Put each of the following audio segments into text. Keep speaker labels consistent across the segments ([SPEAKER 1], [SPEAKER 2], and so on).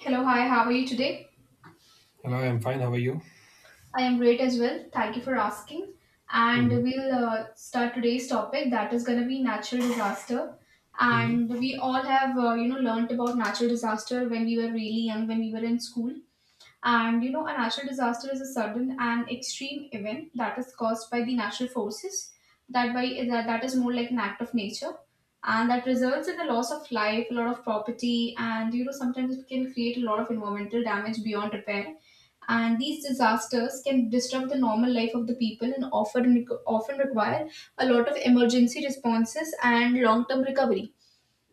[SPEAKER 1] Hello, hi, how are you today?
[SPEAKER 2] Hello, I'm fine. How are you?
[SPEAKER 1] I am great as well. Thank you for asking. And
[SPEAKER 2] Hmm.
[SPEAKER 1] we'll start today's topic that is going to be natural disaster.
[SPEAKER 2] Hmm.
[SPEAKER 1] And we all have, learnt about natural disaster when we were really young, when we were in school. And a natural disaster is a sudden and extreme event that is caused by the natural forces. That is more like an act of nature, and that results in the loss of life, a lot of property, and sometimes it can create a lot of environmental damage beyond repair. And these disasters can disrupt the normal life of the people and often require a lot of emergency responses and long term recovery.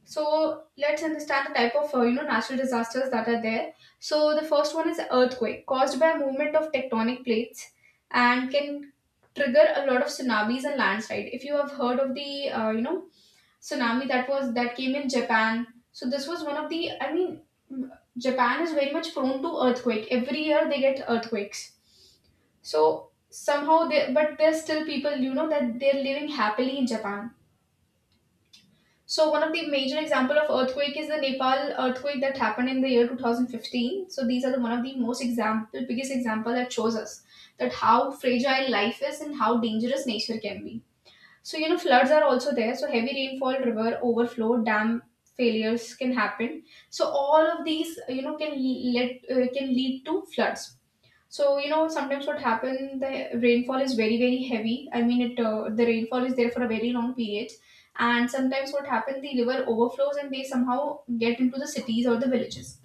[SPEAKER 1] So let's understand the type of natural disasters that are there. So the first one is earthquake, caused by movement of tectonic plates, and can trigger a lot of tsunamis and landslide. If you have heard of the tsunami that was that came in Japan, so this was one of the, I mean, mm, Japan is very much prone to earthquake. Every year they get earthquakes. So somehow they, but there's still people, that they're living happily in Japan. So one of the major example of earthquake is the Nepal earthquake that happened in the year 2015. So these are the, one of the most example, biggest example that shows us that how fragile life is and how dangerous nature can be. So floods are also there. So heavy rainfall, river overflow, dam failures can happen. So all of these, can le- let can lead to floods. So sometimes what happens, the rainfall is very very heavy. I mean, it the rainfall is there for a very long period, and sometimes what happens, the river overflows and they somehow get into the cities or the villages.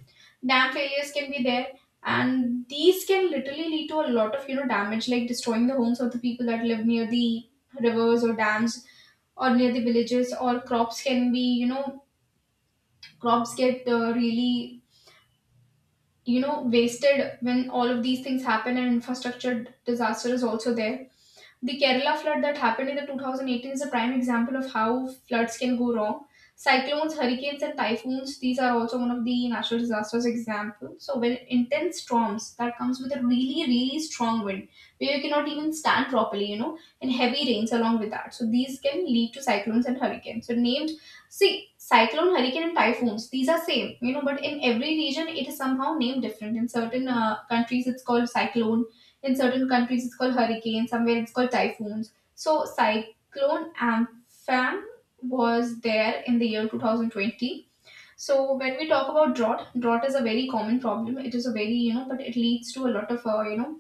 [SPEAKER 1] Dam failures can be there, and these can literally lead to a lot of damage, like destroying the homes of the people that live near the rivers or dams, or near the villages. Or crops can be, crops get really wasted when all of these things happen, and infrastructure disaster is also there. The Kerala flood that happened in the 2018 is a prime example of how floods can go wrong. Cyclones, hurricanes, and typhoons, these are also one of the natural disasters example. So when intense storms that comes with a really, really strong wind, where you cannot even stand properly, and heavy rains along with that. So these can lead to cyclones and hurricanes. So named see cyclone, hurricane, and typhoons, these are same, but in every region it is somehow named different. In certain countries it's called cyclone, in certain countries, it's called hurricane. Somewhere, it's called typhoons. So, cyclone Ampham was there in the year 2020. So when we talk about drought, drought is a very common problem. It is a very, but it leads to a lot of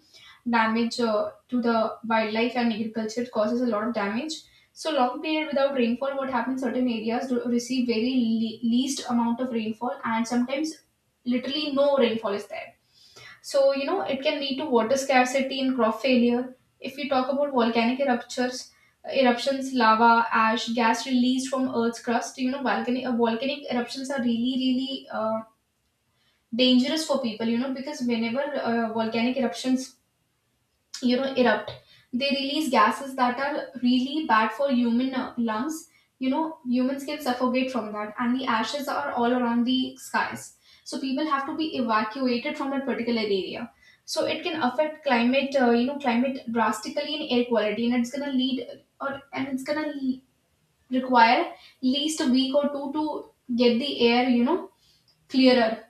[SPEAKER 1] damage to the wildlife and agriculture. It causes a lot of damage. So long period without rainfall, what happens? Certain areas do receive very least amount of rainfall, and sometimes literally no rainfall is there. So, it can lead to water scarcity and crop failure. If we talk about volcanic eruptions, lava, ash, gas released from Earth's crust. Volcanic eruptions are really really dangerous for people. Because whenever volcanic eruptions erupt, they release gases that are really bad for human lungs. Humans can suffocate from that, and the ashes are all around the skies. So people have to be evacuated from that particular area. So it can affect climate, climate drastically in air quality, and it's gonna lead or, and it's gonna require least a week or two to get the air clearer.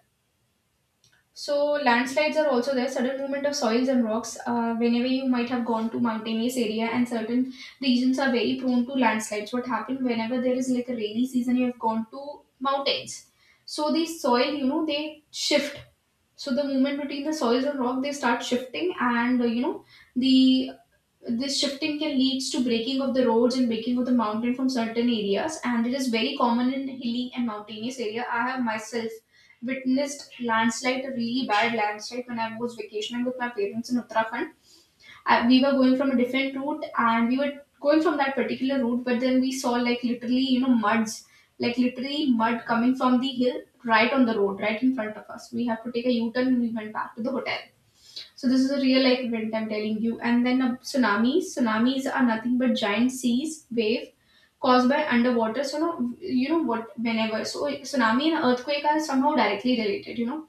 [SPEAKER 1] So landslides are also there, sudden movement of soils and rocks. Whenever you might have gone to mountainous area, and certain regions are very prone to landslides, what happened, whenever there is like a rainy season, you have gone to mountains. So the soil, they shift. So the movement between the soils and rock, they start shifting, and you know the this shifting can leads to breaking of the roads and breaking of the mountain from certain areas, and it is very common in hilly and mountainous area. I have myself witnessed landslide, a really bad landslide, when I was vacationing with my parents in Uttarakhand. We were going from a different route, and we were going from that particular route, but then we saw, like literally muds, like literally mud coming from the hill, right on the road, right in front of us. We have to take a U-turn and we went back to the hotel. So this is a real life event I'm telling you. And then a Tsunamis are nothing but giant seas wave caused by underwater. So no, you know what whenever so tsunami and earthquake are somehow directly related.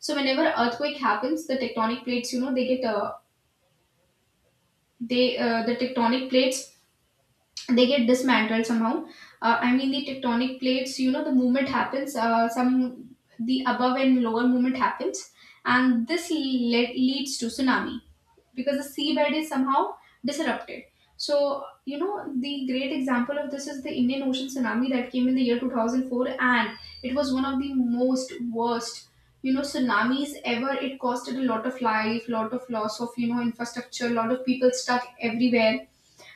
[SPEAKER 1] So whenever earthquake happens, the tectonic plates, they get they the tectonic plates, they get dismantled somehow. I mean, the tectonic plates, the movement happens. Some The above and lower movement happens, and this leads to tsunami because the seabed is somehow disrupted. So the great example of this is the Indian Ocean tsunami that came in the year 2004, and it was one of the most worst tsunamis ever. It costed a lot of life, lot of loss of infrastructure, lot of people stuck everywhere.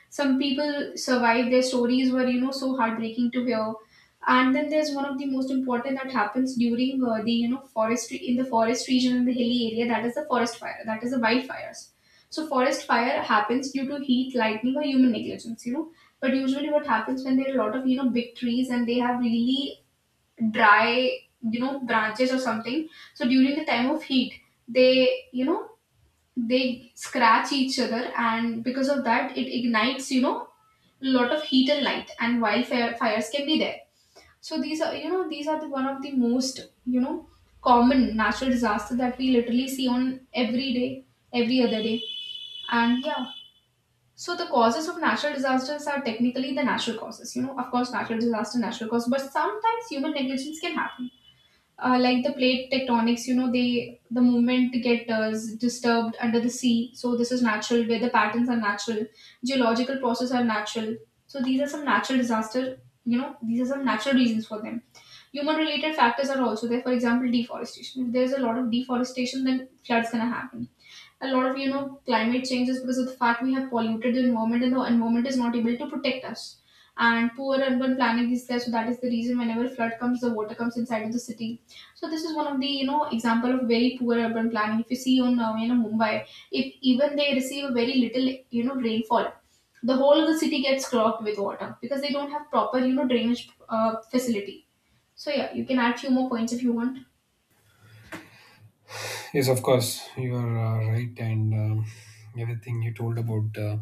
[SPEAKER 1] Some people survive, their stories were so heartbreaking to hear. And then there's one of the most important that happens during the forestry in the forest region, in the hilly area, that is the forest fire, that is the wildfires. So forest fire happens due to heat, lightning, or human negligence. But usually what happens, when there are a lot of big trees and they have really dry branches or something, so during the time of heat, they you know they scratch each other, and because of that it ignites, lot of heat and light, and wildfire fires can be there. So these are, the one of the most common natural disaster that we literally see on every day, every other day, and yeah. So the causes of natural disasters are technically the natural causes, of course, natural disaster, natural cause, but sometimes human negligence can happen. Like the plate tectonics, they, the movement get disturbed under the sea. So this is natural, where the patterns are natural, geological processes are natural. So these are some natural disaster, these are some natural reasons for them. Human related factors are also there, for example deforestation. If there's a lot of deforestation, then floods gonna happen. A lot of climate changes, because of the fact we have polluted the environment and the environment is not able to protect us. And poor urban planning is there, so that is the reason, whenever flood comes the water comes inside of the city. So this is one of the example of very poor urban planning. If you see on Mumbai, if even they receive a very little rainfall, the whole of the city gets clogged with water, because they don't have proper drainage facility. So yeah, you can add few more points if you want.
[SPEAKER 2] Yes, of course, you are right, and everything you told about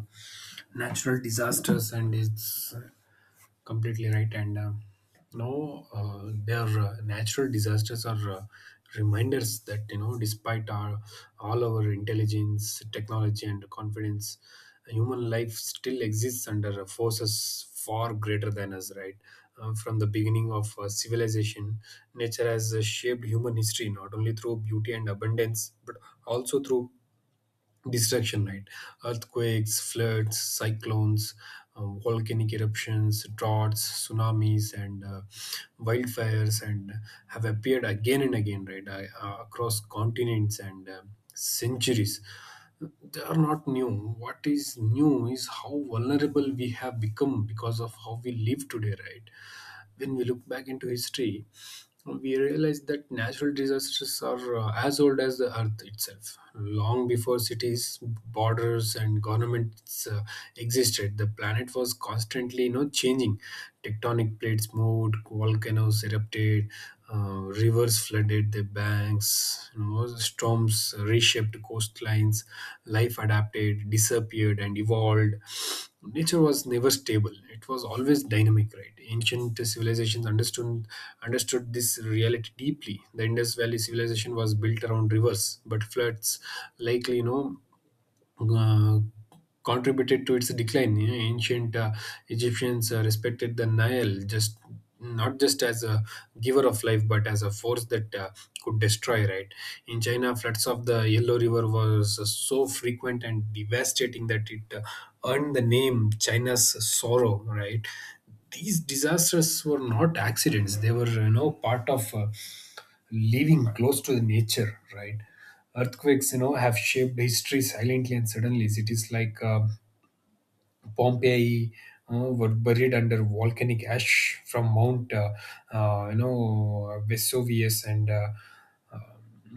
[SPEAKER 2] natural disasters and its completely right. And now their natural disasters are reminders that, despite our all our intelligence, technology, and confidence, human life still exists under forces far greater than us, right. From the beginning of civilization, nature has shaped human history, not only through beauty and abundance, but also through destruction, right. Earthquakes, floods, cyclones, volcanic eruptions, droughts, tsunamis, and wildfires and have appeared again and again, right. Across continents and centuries, they are not new. What is new is how vulnerable we have become because of how we live today, right. When we look back into history, we realize that natural disasters are as old as the earth itself. Long before cities, borders, and governments existed, the planet was constantly, changing. Tectonic plates moved, volcanoes erupted, rivers flooded their banks, storms reshaped coastlines, life adapted, disappeared, and evolved. Nature was never stable, it was always dynamic, right? Ancient civilizations understood this reality deeply. The Indus Valley civilization was built around rivers, but floods likely, uh, contributed to its decline. You know, ancient Egyptians respected the Nile just not just as a giver of life, but as a force that could destroy. Right, in China, floods of the Yellow River was so frequent and devastating that it earned the name China's sorrow. Right. These disasters were not accidents; they were, part of living close to the nature, right? Earthquakes, have shaped history silently and suddenly. Cities like Pompeii were buried under volcanic ash from Mount Vesuvius and uh,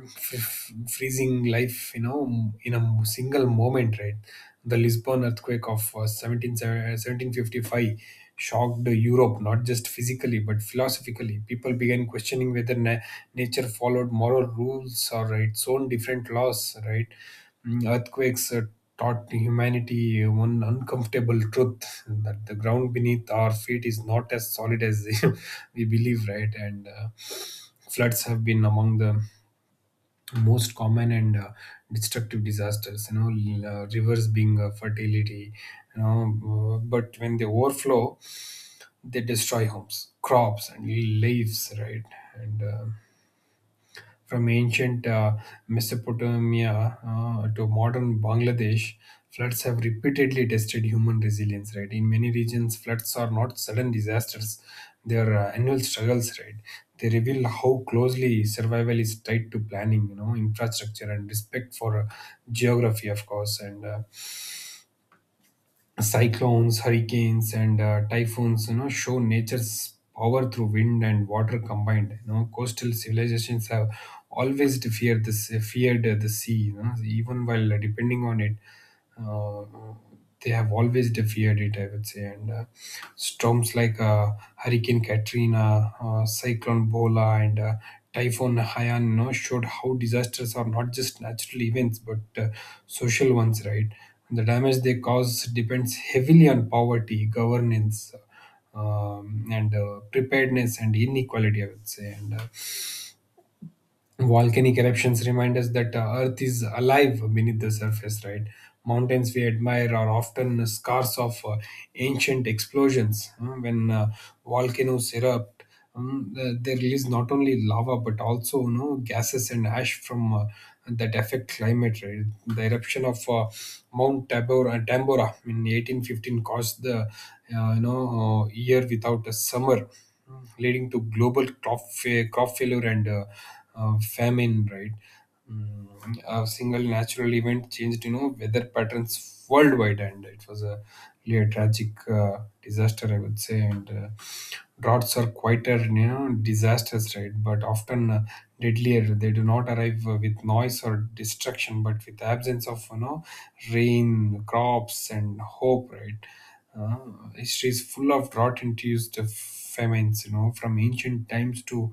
[SPEAKER 2] freezing life, in a single moment, right? The Lisbon earthquake of 1755 shocked Europe, not just physically, but philosophically. People began questioning whether nature followed moral rules or its own different laws, right? Earthquakes taught humanity one uncomfortable truth, that the ground beneath our feet is not as solid as we believe, right? And floods have been among the most common and destructive disasters, rivers being a fertility, but when they overflow they destroy homes, crops, and leaves, right. And from ancient Mesopotamia to modern Bangladesh, floods have repeatedly tested human resilience. Right, in many regions, floods are not sudden disasters; they are annual struggles. Right, they reveal how closely survival is tied to planning, infrastructure, and respect for geography, of course, and. Cyclones, hurricanes, and typhoons, show nature's power through wind and water combined. You know, coastal civilizations have always feared feared the sea. You know, even while depending on it, uh, they have always feared it, I would say. And storms like Hurricane Katrina, Cyclone Bola, and Typhoon Haiyan, showed how disasters are not just natural events but social ones, right? The damage they cause depends heavily on poverty, governance, and preparedness and inequality, I would say. And volcanic eruptions remind us that earth is alive beneath the surface, right. Mountains we admire are often scars of ancient explosions. When volcanoes erupt, they release not only lava, but also, gases and ash from that affect climate, right? The eruption of mount tabora tambora in 1815 caused the year without a summer, leading to global crop failure and famine, right? A single natural event changed, weather patterns worldwide, and it was a really a tragic disaster, I would say. And droughts are quieter, disasters, right? But often deadlier. They do not arrive with noise or destruction, but with absence of, rain, crops, and hope, right? History is full of drought induced famines, from ancient times to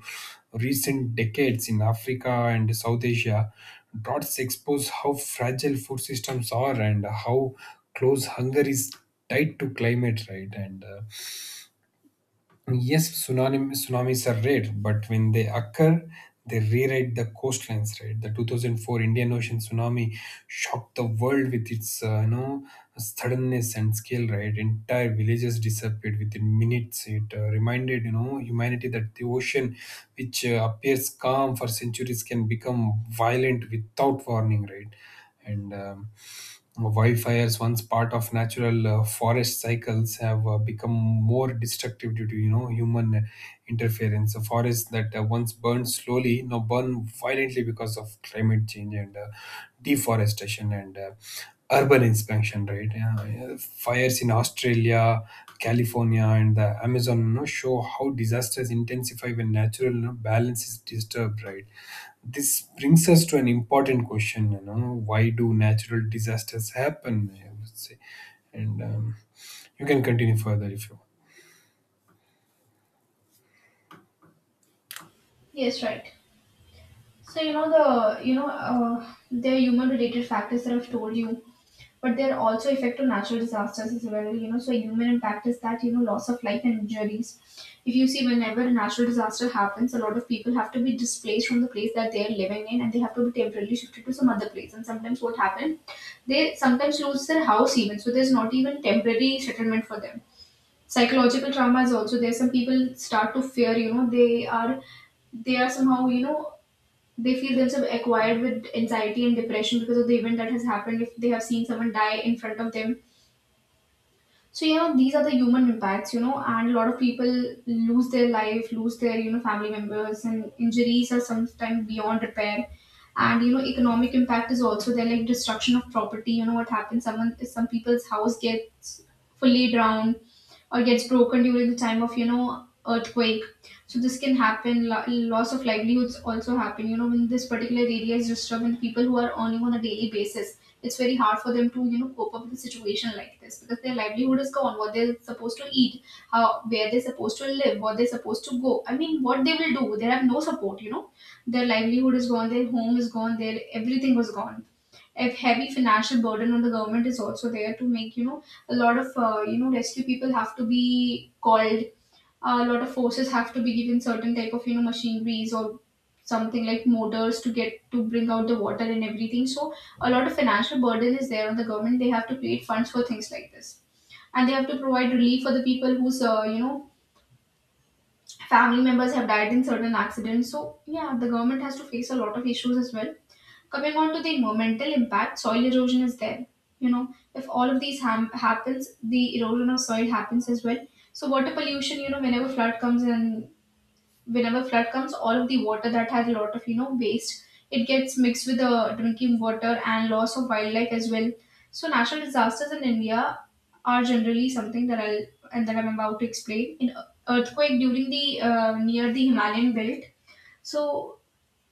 [SPEAKER 2] recent decades in Africa and South Asia. Droughts expose how fragile food systems are and how close hunger is tied to climate, right? And tsunamis are rare, but when they occur, they rewrite the coastlines. Right, the 2004 Indian Ocean tsunami shocked the world with its suddenness and scale. Right, entire villages disappeared within minutes. It reminded, humanity, that the ocean, which appears calm for centuries, can become violent without warning. Right, and wildfires once part of natural forest cycles have become more destructive due to, human interference. The forest that once burned slowly now burn violently because of climate change and deforestation and urban expansion, right. Yeah, yeah, fires in Australia, California, and the Amazon, show how disasters intensify when natural balance is disturbed, right. This brings us to an important question, why do natural disasters happen? I would say, and you can continue further if you want.
[SPEAKER 1] Yes, right. So there are human related factors that I've told you, but they're also effect of natural disasters as well. So human impact is that, loss of life and injuries. If you see, whenever a natural disaster happens, a lot of people have to be displaced from the place that they're living in, and they have to be temporarily shifted to some other place. And sometimes what happens, they sometimes lose their house even. So there's not even temporary settlement for them. Psychological trauma is also there. Some people start to fear. They are somehow they feel themselves acquired with anxiety and depression because of the event that has happened, if they have seen someone die in front of them. So these are the human impacts, and a lot of people lose their life, lose their family members, and injuries are sometimes beyond repair. Economic impact is also there, like destruction of property. You know what happens? Some people's house gets fully drowned or gets broken during the time of earthquake. So this can happen. Loss of livelihoods also happen, you know, when this particular area is disturbed and people who are earning on a daily basis, it's very hard for them to cope up with a situation like this, because their livelihood is gone. What they're supposed to eat, how, where they're supposed to live, what they're supposed to go, I mean what they will do? They have no support, you know. Their livelihood is gone, their home is gone, their everything was gone. A heavy financial burden on the government is also there. To make a lot of rescue people have to be called, a lot of forces have to be given certain type of machineries, or something like motors to get, to bring out the water and everything. So a lot of financial burden is there on the government. They have to create funds for things like this, and they have to provide relief for the people whose family members have died in certain accidents. So yeah, the government has to face a lot of issues as well. Coming on to the environmental impact, soil erosion is there, you know. If all of these happens, the erosion of soil happens as well. So water pollution, you know, whenever flood comes, and whenever flood comes, all of the water that has a lot of waste, it gets mixed with the drinking water, and loss of wildlife as well. So natural disasters in India are generally something that I'll and that I'm about to explain in. Earthquake during the near the Himalayan belt. So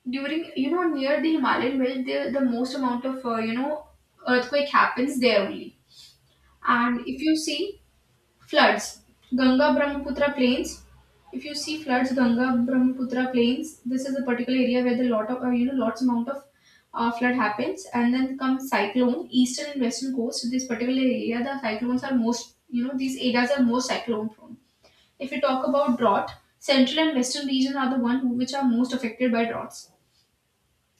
[SPEAKER 1] during near the Himalayan belt, the most amount of earthquake happens there only. And if you see floods, Ganga Brahmaputra plains. If you see floods, Ganga Brahmaputra plains, this is a particular area where the lot of lots amount of flood happens. And then comes cyclone. Eastern and western coast, so this particular area, the cyclones are most, you know, these areas are most cyclone prone. If you talk about drought, central and western region are the one who, which are most affected by droughts.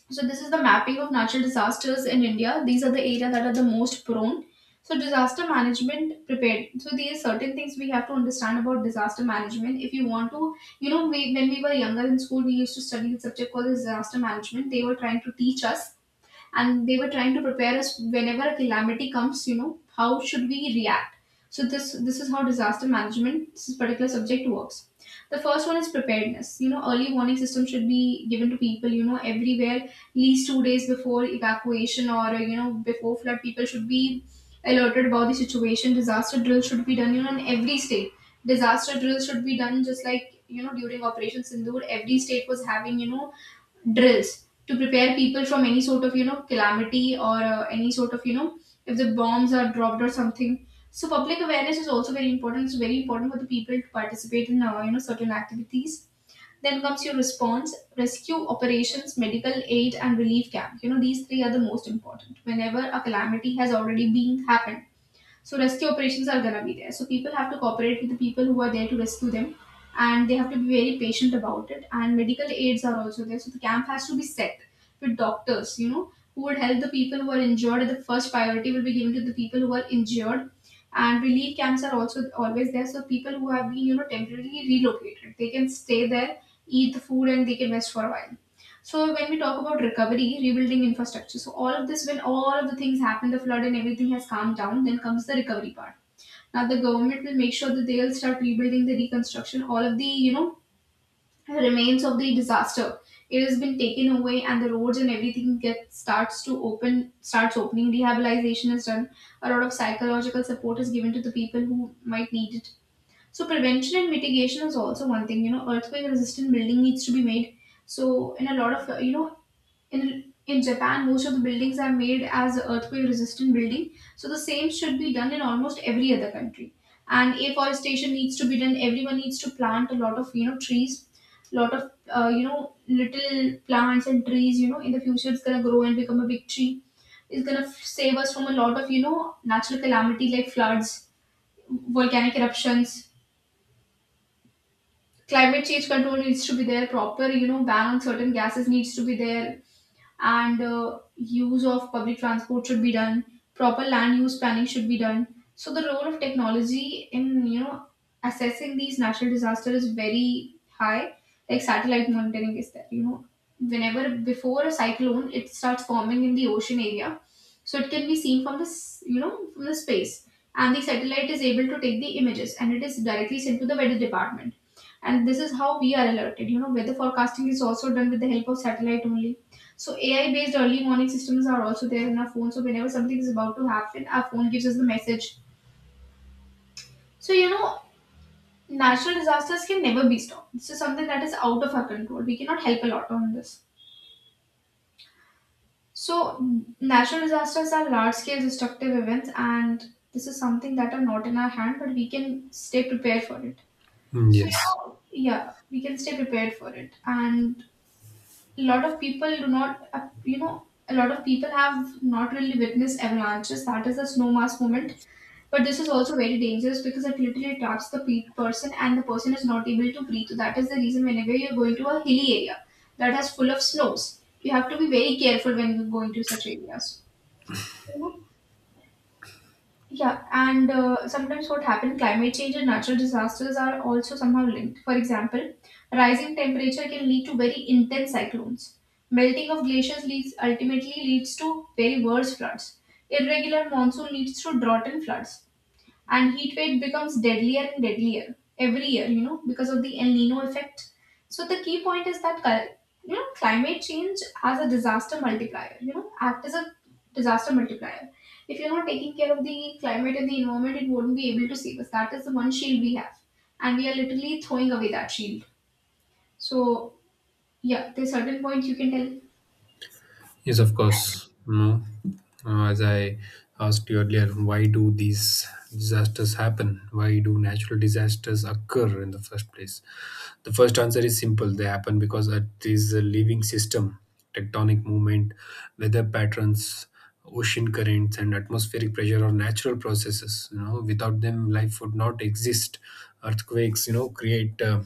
[SPEAKER 1] So this is the mapping of natural disasters in India. These are the areas that are the most prone. So disaster management prepared. So these certain things we have to understand about disaster management. If you want to, when we were younger in school, we used to study the subject called disaster management. They were trying to teach us, and they were trying to prepare us whenever a calamity comes, you know, how should we react. So this is how disaster management, this particular subject works. The first one is preparedness. You know, early warning system should be given to people, you know, everywhere at least 2 days before evacuation, or you know, before flood people should be alerted about the situation. Disaster drill should be done, you know, in every state. Disaster drill should be done, just like, you know, during Operation Sindoor every state was having, you know, drills to prepare people from any sort of calamity, or any sort of, you know, if the bombs are dropped or something. So public awareness is also very important. It's very important for the people to participate in you know, certain activities. Then comes your response: rescue operations, medical aid, and relief camp. You know, these three are the most important whenever a calamity has already been happened. So rescue operations are gonna be there. So people have to cooperate with the people who are there to rescue them, and they have to be very patient about it. And medical aids are also there. So the camp has to be set with doctors, you know, who would help the people who are injured. The first priority will be given to the people who are injured. And relief camps are also always there. So people who have been, you know, temporarily relocated, they can stay there, eat the food, and they can rest for a while. So when we talk about recovery, rebuilding infrastructure, so all of this, when all of the things happen, the flood and everything has calmed down, then comes the recovery part. Now the government will make sure that they'll start rebuilding the reconstruction, all of the remains of the disaster. It has been taken away, and the roads and everything gets starts to open, starts opening. Rehabilitation is done. A lot of psychological support is given to the people who might need it. So prevention and mitigation is also one thing. You know, earthquake resistant building needs to be made. So in a lot of in Japan, most of the buildings are made as earthquake-resistant building, so the same should be done in almost every other country. And afforestation needs to be done. Everyone needs to plant a lot of trees, lot of you know, little plants and trees. You know, in the future it's gonna grow and become a big tree. It's gonna save us from a lot of natural calamity like floods, volcanic eruptions. Climate change control needs to be there. Proper, you know, ban on certain gases needs to be there. And use of public transport should be done. Proper land use planning should be done. So the role of technology in, you know, assessing these natural disasters is very high. Like satellite monitoring is there, you know. Whenever before a cyclone, it starts forming in the ocean area, so it can be seen from this, you know, from the space, and the satellite is able to take the images and it is directly sent to the weather department. And this is how we are alerted, you know. Weather forecasting is also done with the help of satellite only. So AI based early warning systems are also there in our phone. So whenever something is about to happen, our phone gives us the message. So you know, natural disasters can never be stopped. This is something that is out of our control. We cannot help a lot on this. So natural disasters are large scale destructive events, and this is something that are not in our hand, but we can stay prepared for it.
[SPEAKER 2] Mm.
[SPEAKER 1] So yeah,
[SPEAKER 2] Yes,
[SPEAKER 1] yeah, we can stay prepared for it. And a lot of people do not, you know, a lot of people have not really witnessed avalanches. That is the snow mass moment. But this is also very dangerous because it literally traps the person, and the person is not able to breathe. So that is the reason whenever you're going to a hilly area that has full of snows, you have to be very careful when you're going to such areas. You know? Yeah, and sometimes what happens, climate change and natural disasters are also somehow linked. For example, rising temperature can lead to very intense cyclones. Melting of glaciers leads, ultimately leads to very worse floods. Irregular monsoon leads to drought and floods, and heat wave becomes deadlier and deadlier every year, you know, because of the El nino effect. So the key point is that you know, climate change has a disaster multiplier, you know, act as a disaster multiplier. If you're not taking care of the climate and the environment, it won't be able to save us. That is the one shield we have, and we are literally throwing away that shield. So yeah, there's certain points you can tell.
[SPEAKER 2] yes, of course. No. As I asked you earlier, why do these disasters happen? Why do natural disasters occur in the first place? The first answer is simple. They happen because Earth is a living system. Tectonic movement, weather patterns, ocean currents, and atmospheric pressure are natural processes. You know, without them, life would not exist. Earthquakes, create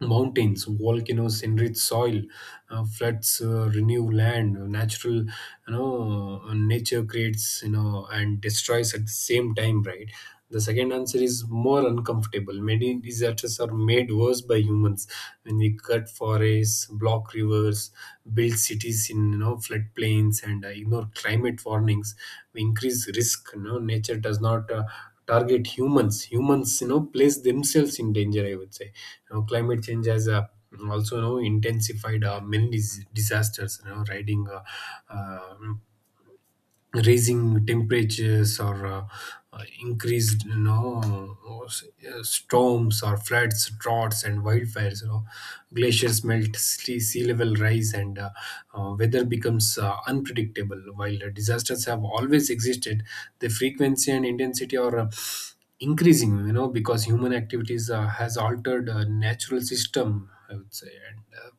[SPEAKER 2] mountains, volcanoes enrich soil, floods renew land, nature creates, and destroys at the same time, right? The second answer is more uncomfortable. Many disasters are made worse by humans when we cut forests, block rivers, build cities in, floodplains, and ignore climate warnings. We increase risk. You know, nature does not target humans, you know, place themselves in danger, I would say. You know, climate change has also, intensified disasters, you know riding uh, raising temperatures, or increased, storms or floods, droughts, and wildfires. You know, glaciers melt, sea level rise, and weather becomes unpredictable. While disasters have always existed, the frequency and intensity are increasing, you know, because human activities has altered natural system, I would say. And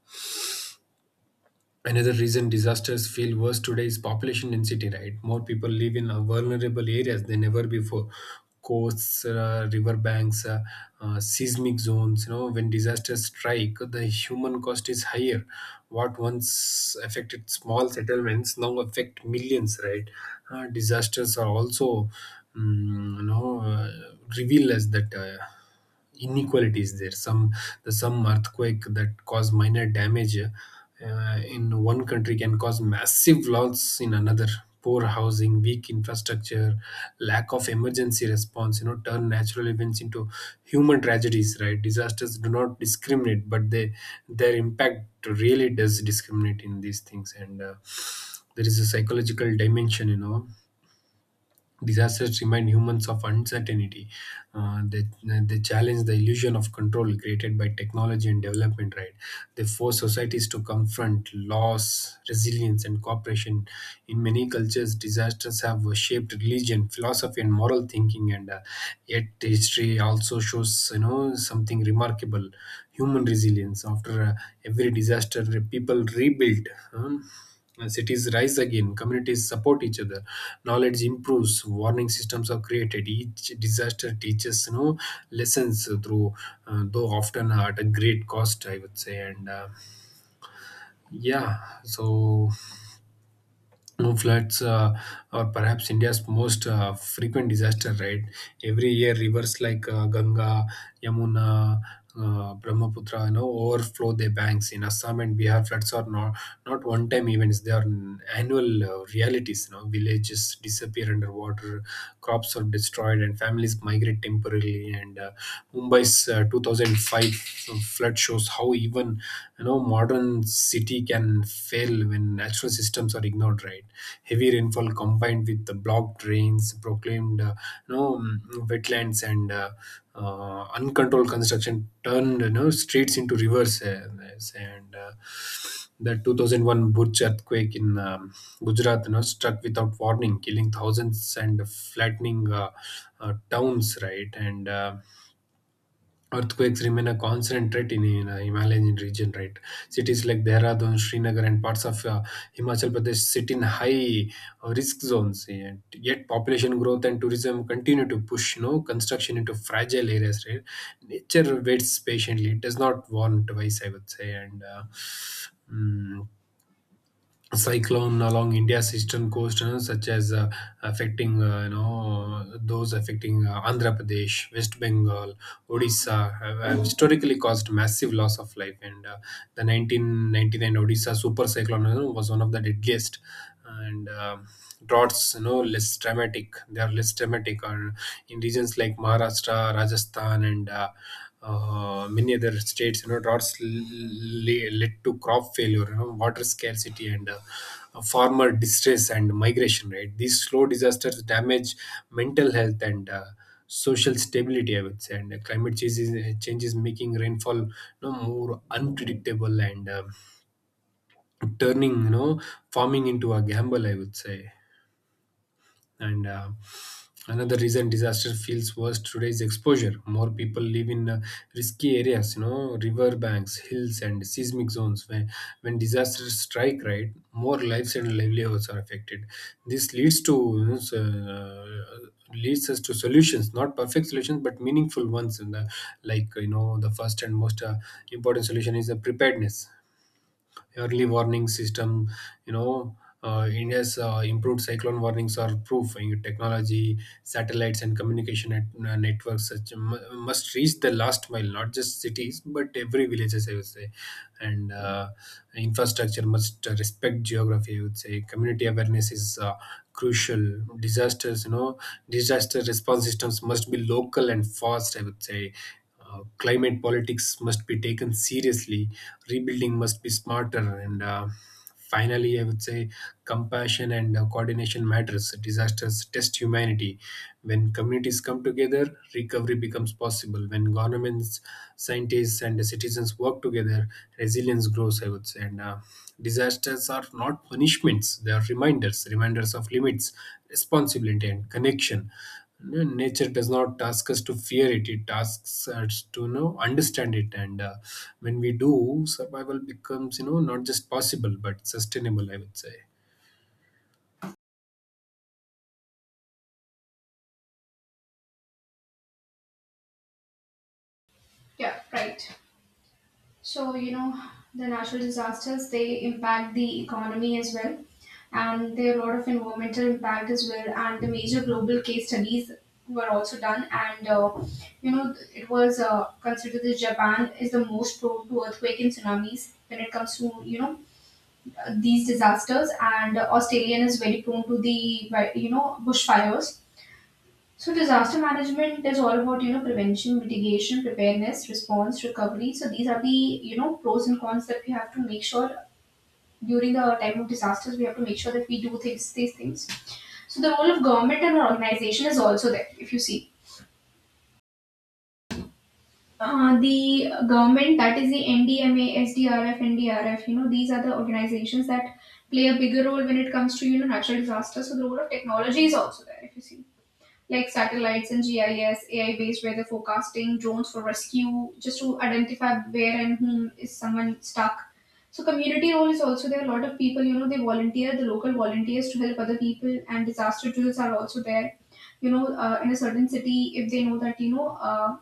[SPEAKER 2] another reason disasters feel worse today is population density, right? More people live in vulnerable areas than ever before. Coasts, riverbanks, seismic zones. You know, when disasters strike, the human cost is higher. What once affected small settlements now affect millions, right? Disasters are also, mm you know, uh, reveal us that. Inequalities there, some earthquake that cause minor damage in one country can cause massive loss in another. Poor housing, weak infrastructure, lack of emergency response, you know, turn natural events into human tragedies, right. Disasters do not discriminate, but they their impact really does discriminate in these things. And there is a psychological dimension, you know. Disasters remind humans of uncertainty. Uh, they, they challenge the illusion of control created by technology and development, right? They force societies to confront loss, resilience, and cooperation. In many cultures, disasters have shaped religion, philosophy, and moral thinking. And yet history also shows, something remarkable: human resilience. After every disaster, people rebuilt. Huh? As cities rise again, communities support each other, knowledge improves, warning systems are created. Each disaster teaches, lessons through, though often at a great cost, I would say. And yeah, so no, floods are perhaps India's most frequent disaster, right? Every year, rivers like Ganga, Yamuna, Brahmaputra, overflow their banks. In Assam and Bihar, floods are not not one-time events; they are annual realities. You know, villages disappear underwater, crops are destroyed, and families migrate temporarily. And Mumbai's 2005 flood shows how even, modern city can fail when natural systems are ignored, right. Heavy rainfall combined with the blocked drains proclaimed you know mm, wetlands and uncontrolled construction turned, streets into rivers. And The 2001 Bhuj earthquake in Gujarat, you know, struck without warning, killing thousands and flattening towns, right. And earthquakes remain a constant threat in Himalayan region, right? Cities like Dehradun, Srinagar, and parts of Himachal Pradesh sit in high risk zones. Yet population growth and tourism continue to push no construction into fragile areas, right? Nature waits patiently; it does not warn twice, I would say. And mm, cyclone along India's eastern coast, you know, such as affecting you know those affecting Andhra Pradesh, West Bengal, Odisha, have historically caused massive loss of life. And the 1999 Odisha super cyclone, you know, was one of the deadliest. And droughts, you know, less dramatic. They are less dramatic, or in regions like Maharashtra, Rajasthan, and many other states, you know, droughts led to crop failure, water scarcity, and farmer distress and migration. Right, these slow disasters damage mental health and social stability, I would say. And change is making rainfall, more unpredictable, and turning, farming into a gamble, I would say. And another reason disaster feels worse today is exposure. More people live in risky areas, you know, river banks, hills, and seismic zones, where when disasters strike, right, more lives and livelihoods are affected. This leads to, leads us to solutions, not perfect solutions but meaningful ones. In the like you know The first and most important solution is the preparedness, early warning system, you know. India's improved cyclone warnings are proof. In technology, satellites and communication networks must reach the last mile, not just cities but every villages, I would say. And infrastructure must respect geography, I would say. Community awareness is crucial. Disasters you know Disaster response systems must be local and fast, I would say. Climate politics must be taken seriously. Rebuilding must be smarter. And finally, I would say, compassion and coordination matters. Disasters test humanity. When communities come together, recovery becomes possible. When governments, scientists, and citizens work together, resilience grows, I would say. And disasters are not punishments, they are reminders, reminders of limits, responsibility, and connection. No, Nature does not ask us to fear it, it asks us to, understand it. And when we do, survival becomes, not just possible but sustainable, I would say.
[SPEAKER 1] Yeah, right. So, you know, the natural disasters, they impact the economy as well. And there are a lot of environmental impact as well. And the major global case studies were also done. And, you know, it was considered that Japan is the most prone to earthquake and tsunamis when it comes to, you know, these disasters. And Australian is very prone to the, you know, bushfires. So disaster management is all about, you know, prevention, mitigation, preparedness, response, recovery. So these are the, you know, pros and cons that we have to make sure during the time of disasters. We have to make sure that we do things these things. So the role of government and organization is also there. If you see, the government, that is the NDMA, SDRF, NDRF. You know, these are the organizations that play a bigger role when it comes to, you know, natural disasters. So the role of technology is also there. If you see, like satellites and GIS, AI based weather forecasting, drones for rescue, just to identify where and whom is someone stuck. So community role is also there. A lot of people, you know, they volunteer, the local volunteers to help other people, and disaster drills are also there. You know, in a certain city, if they know that, you know,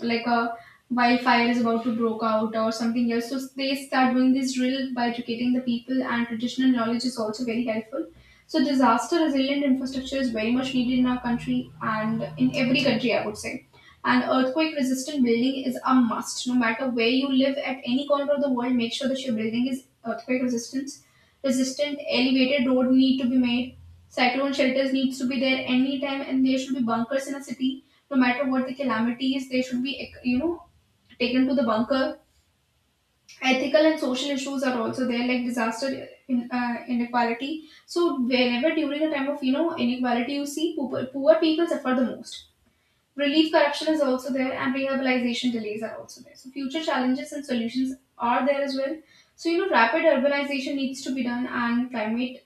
[SPEAKER 1] like a wildfire is about to break out or something else, so they start doing this drill by educating the people. And traditional knowledge is also very helpful. So disaster resilient infrastructure is very much needed in our country and in every country, I would say. And earthquake resistant building is a must. No matter where you live at any corner of the world, make sure that your building is earthquake resistance, resistant elevated road need to be made. Cyclone shelters needs to be there anytime, and there should be bunkers in a city. No matter what the calamity is, they should be, you know, taken to the bunker. Ethical and social issues are also there, like disaster in, inequality. So whenever during the time of, you know, inequality, you see poor people suffer the most. Relief corruption is also there, and rehabilitation delays are also there. So future challenges and solutions are there as well. So you know, rapid urbanization needs to be done. And climate,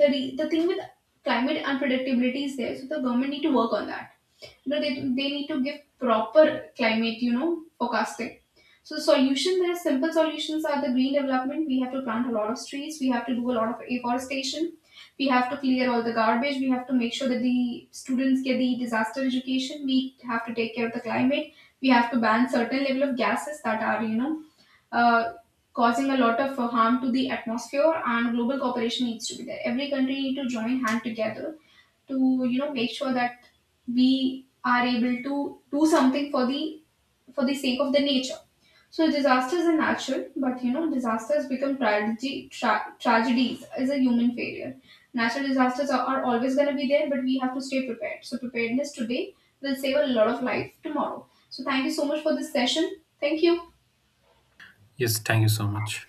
[SPEAKER 1] the thing with climate unpredictability is there, so the government need to work on that. You know, they need to give proper climate, you know, forecasting. So the solution, there are simple solutions are the green development. We have to plant a lot of trees, we have to do a lot of afforestation, we have to clear all the garbage, we have to make sure that the students get the disaster education, we have to take care of the climate, we have to ban certain level of gases that are, you know, uh, causing a lot of harm to the atmosphere. And global cooperation needs to be there. Every country need to join hand together to, you know, make sure that we are able to do something for the, for the sake of the nature. So disasters are natural, but you know, disasters become tragedy, tragedies is a human failure. Natural disasters are always going to be there, but we have to stay prepared. So preparedness today will save a lot of life tomorrow. So thank you so much for this session. Thank you.
[SPEAKER 2] Yes, thank you so much.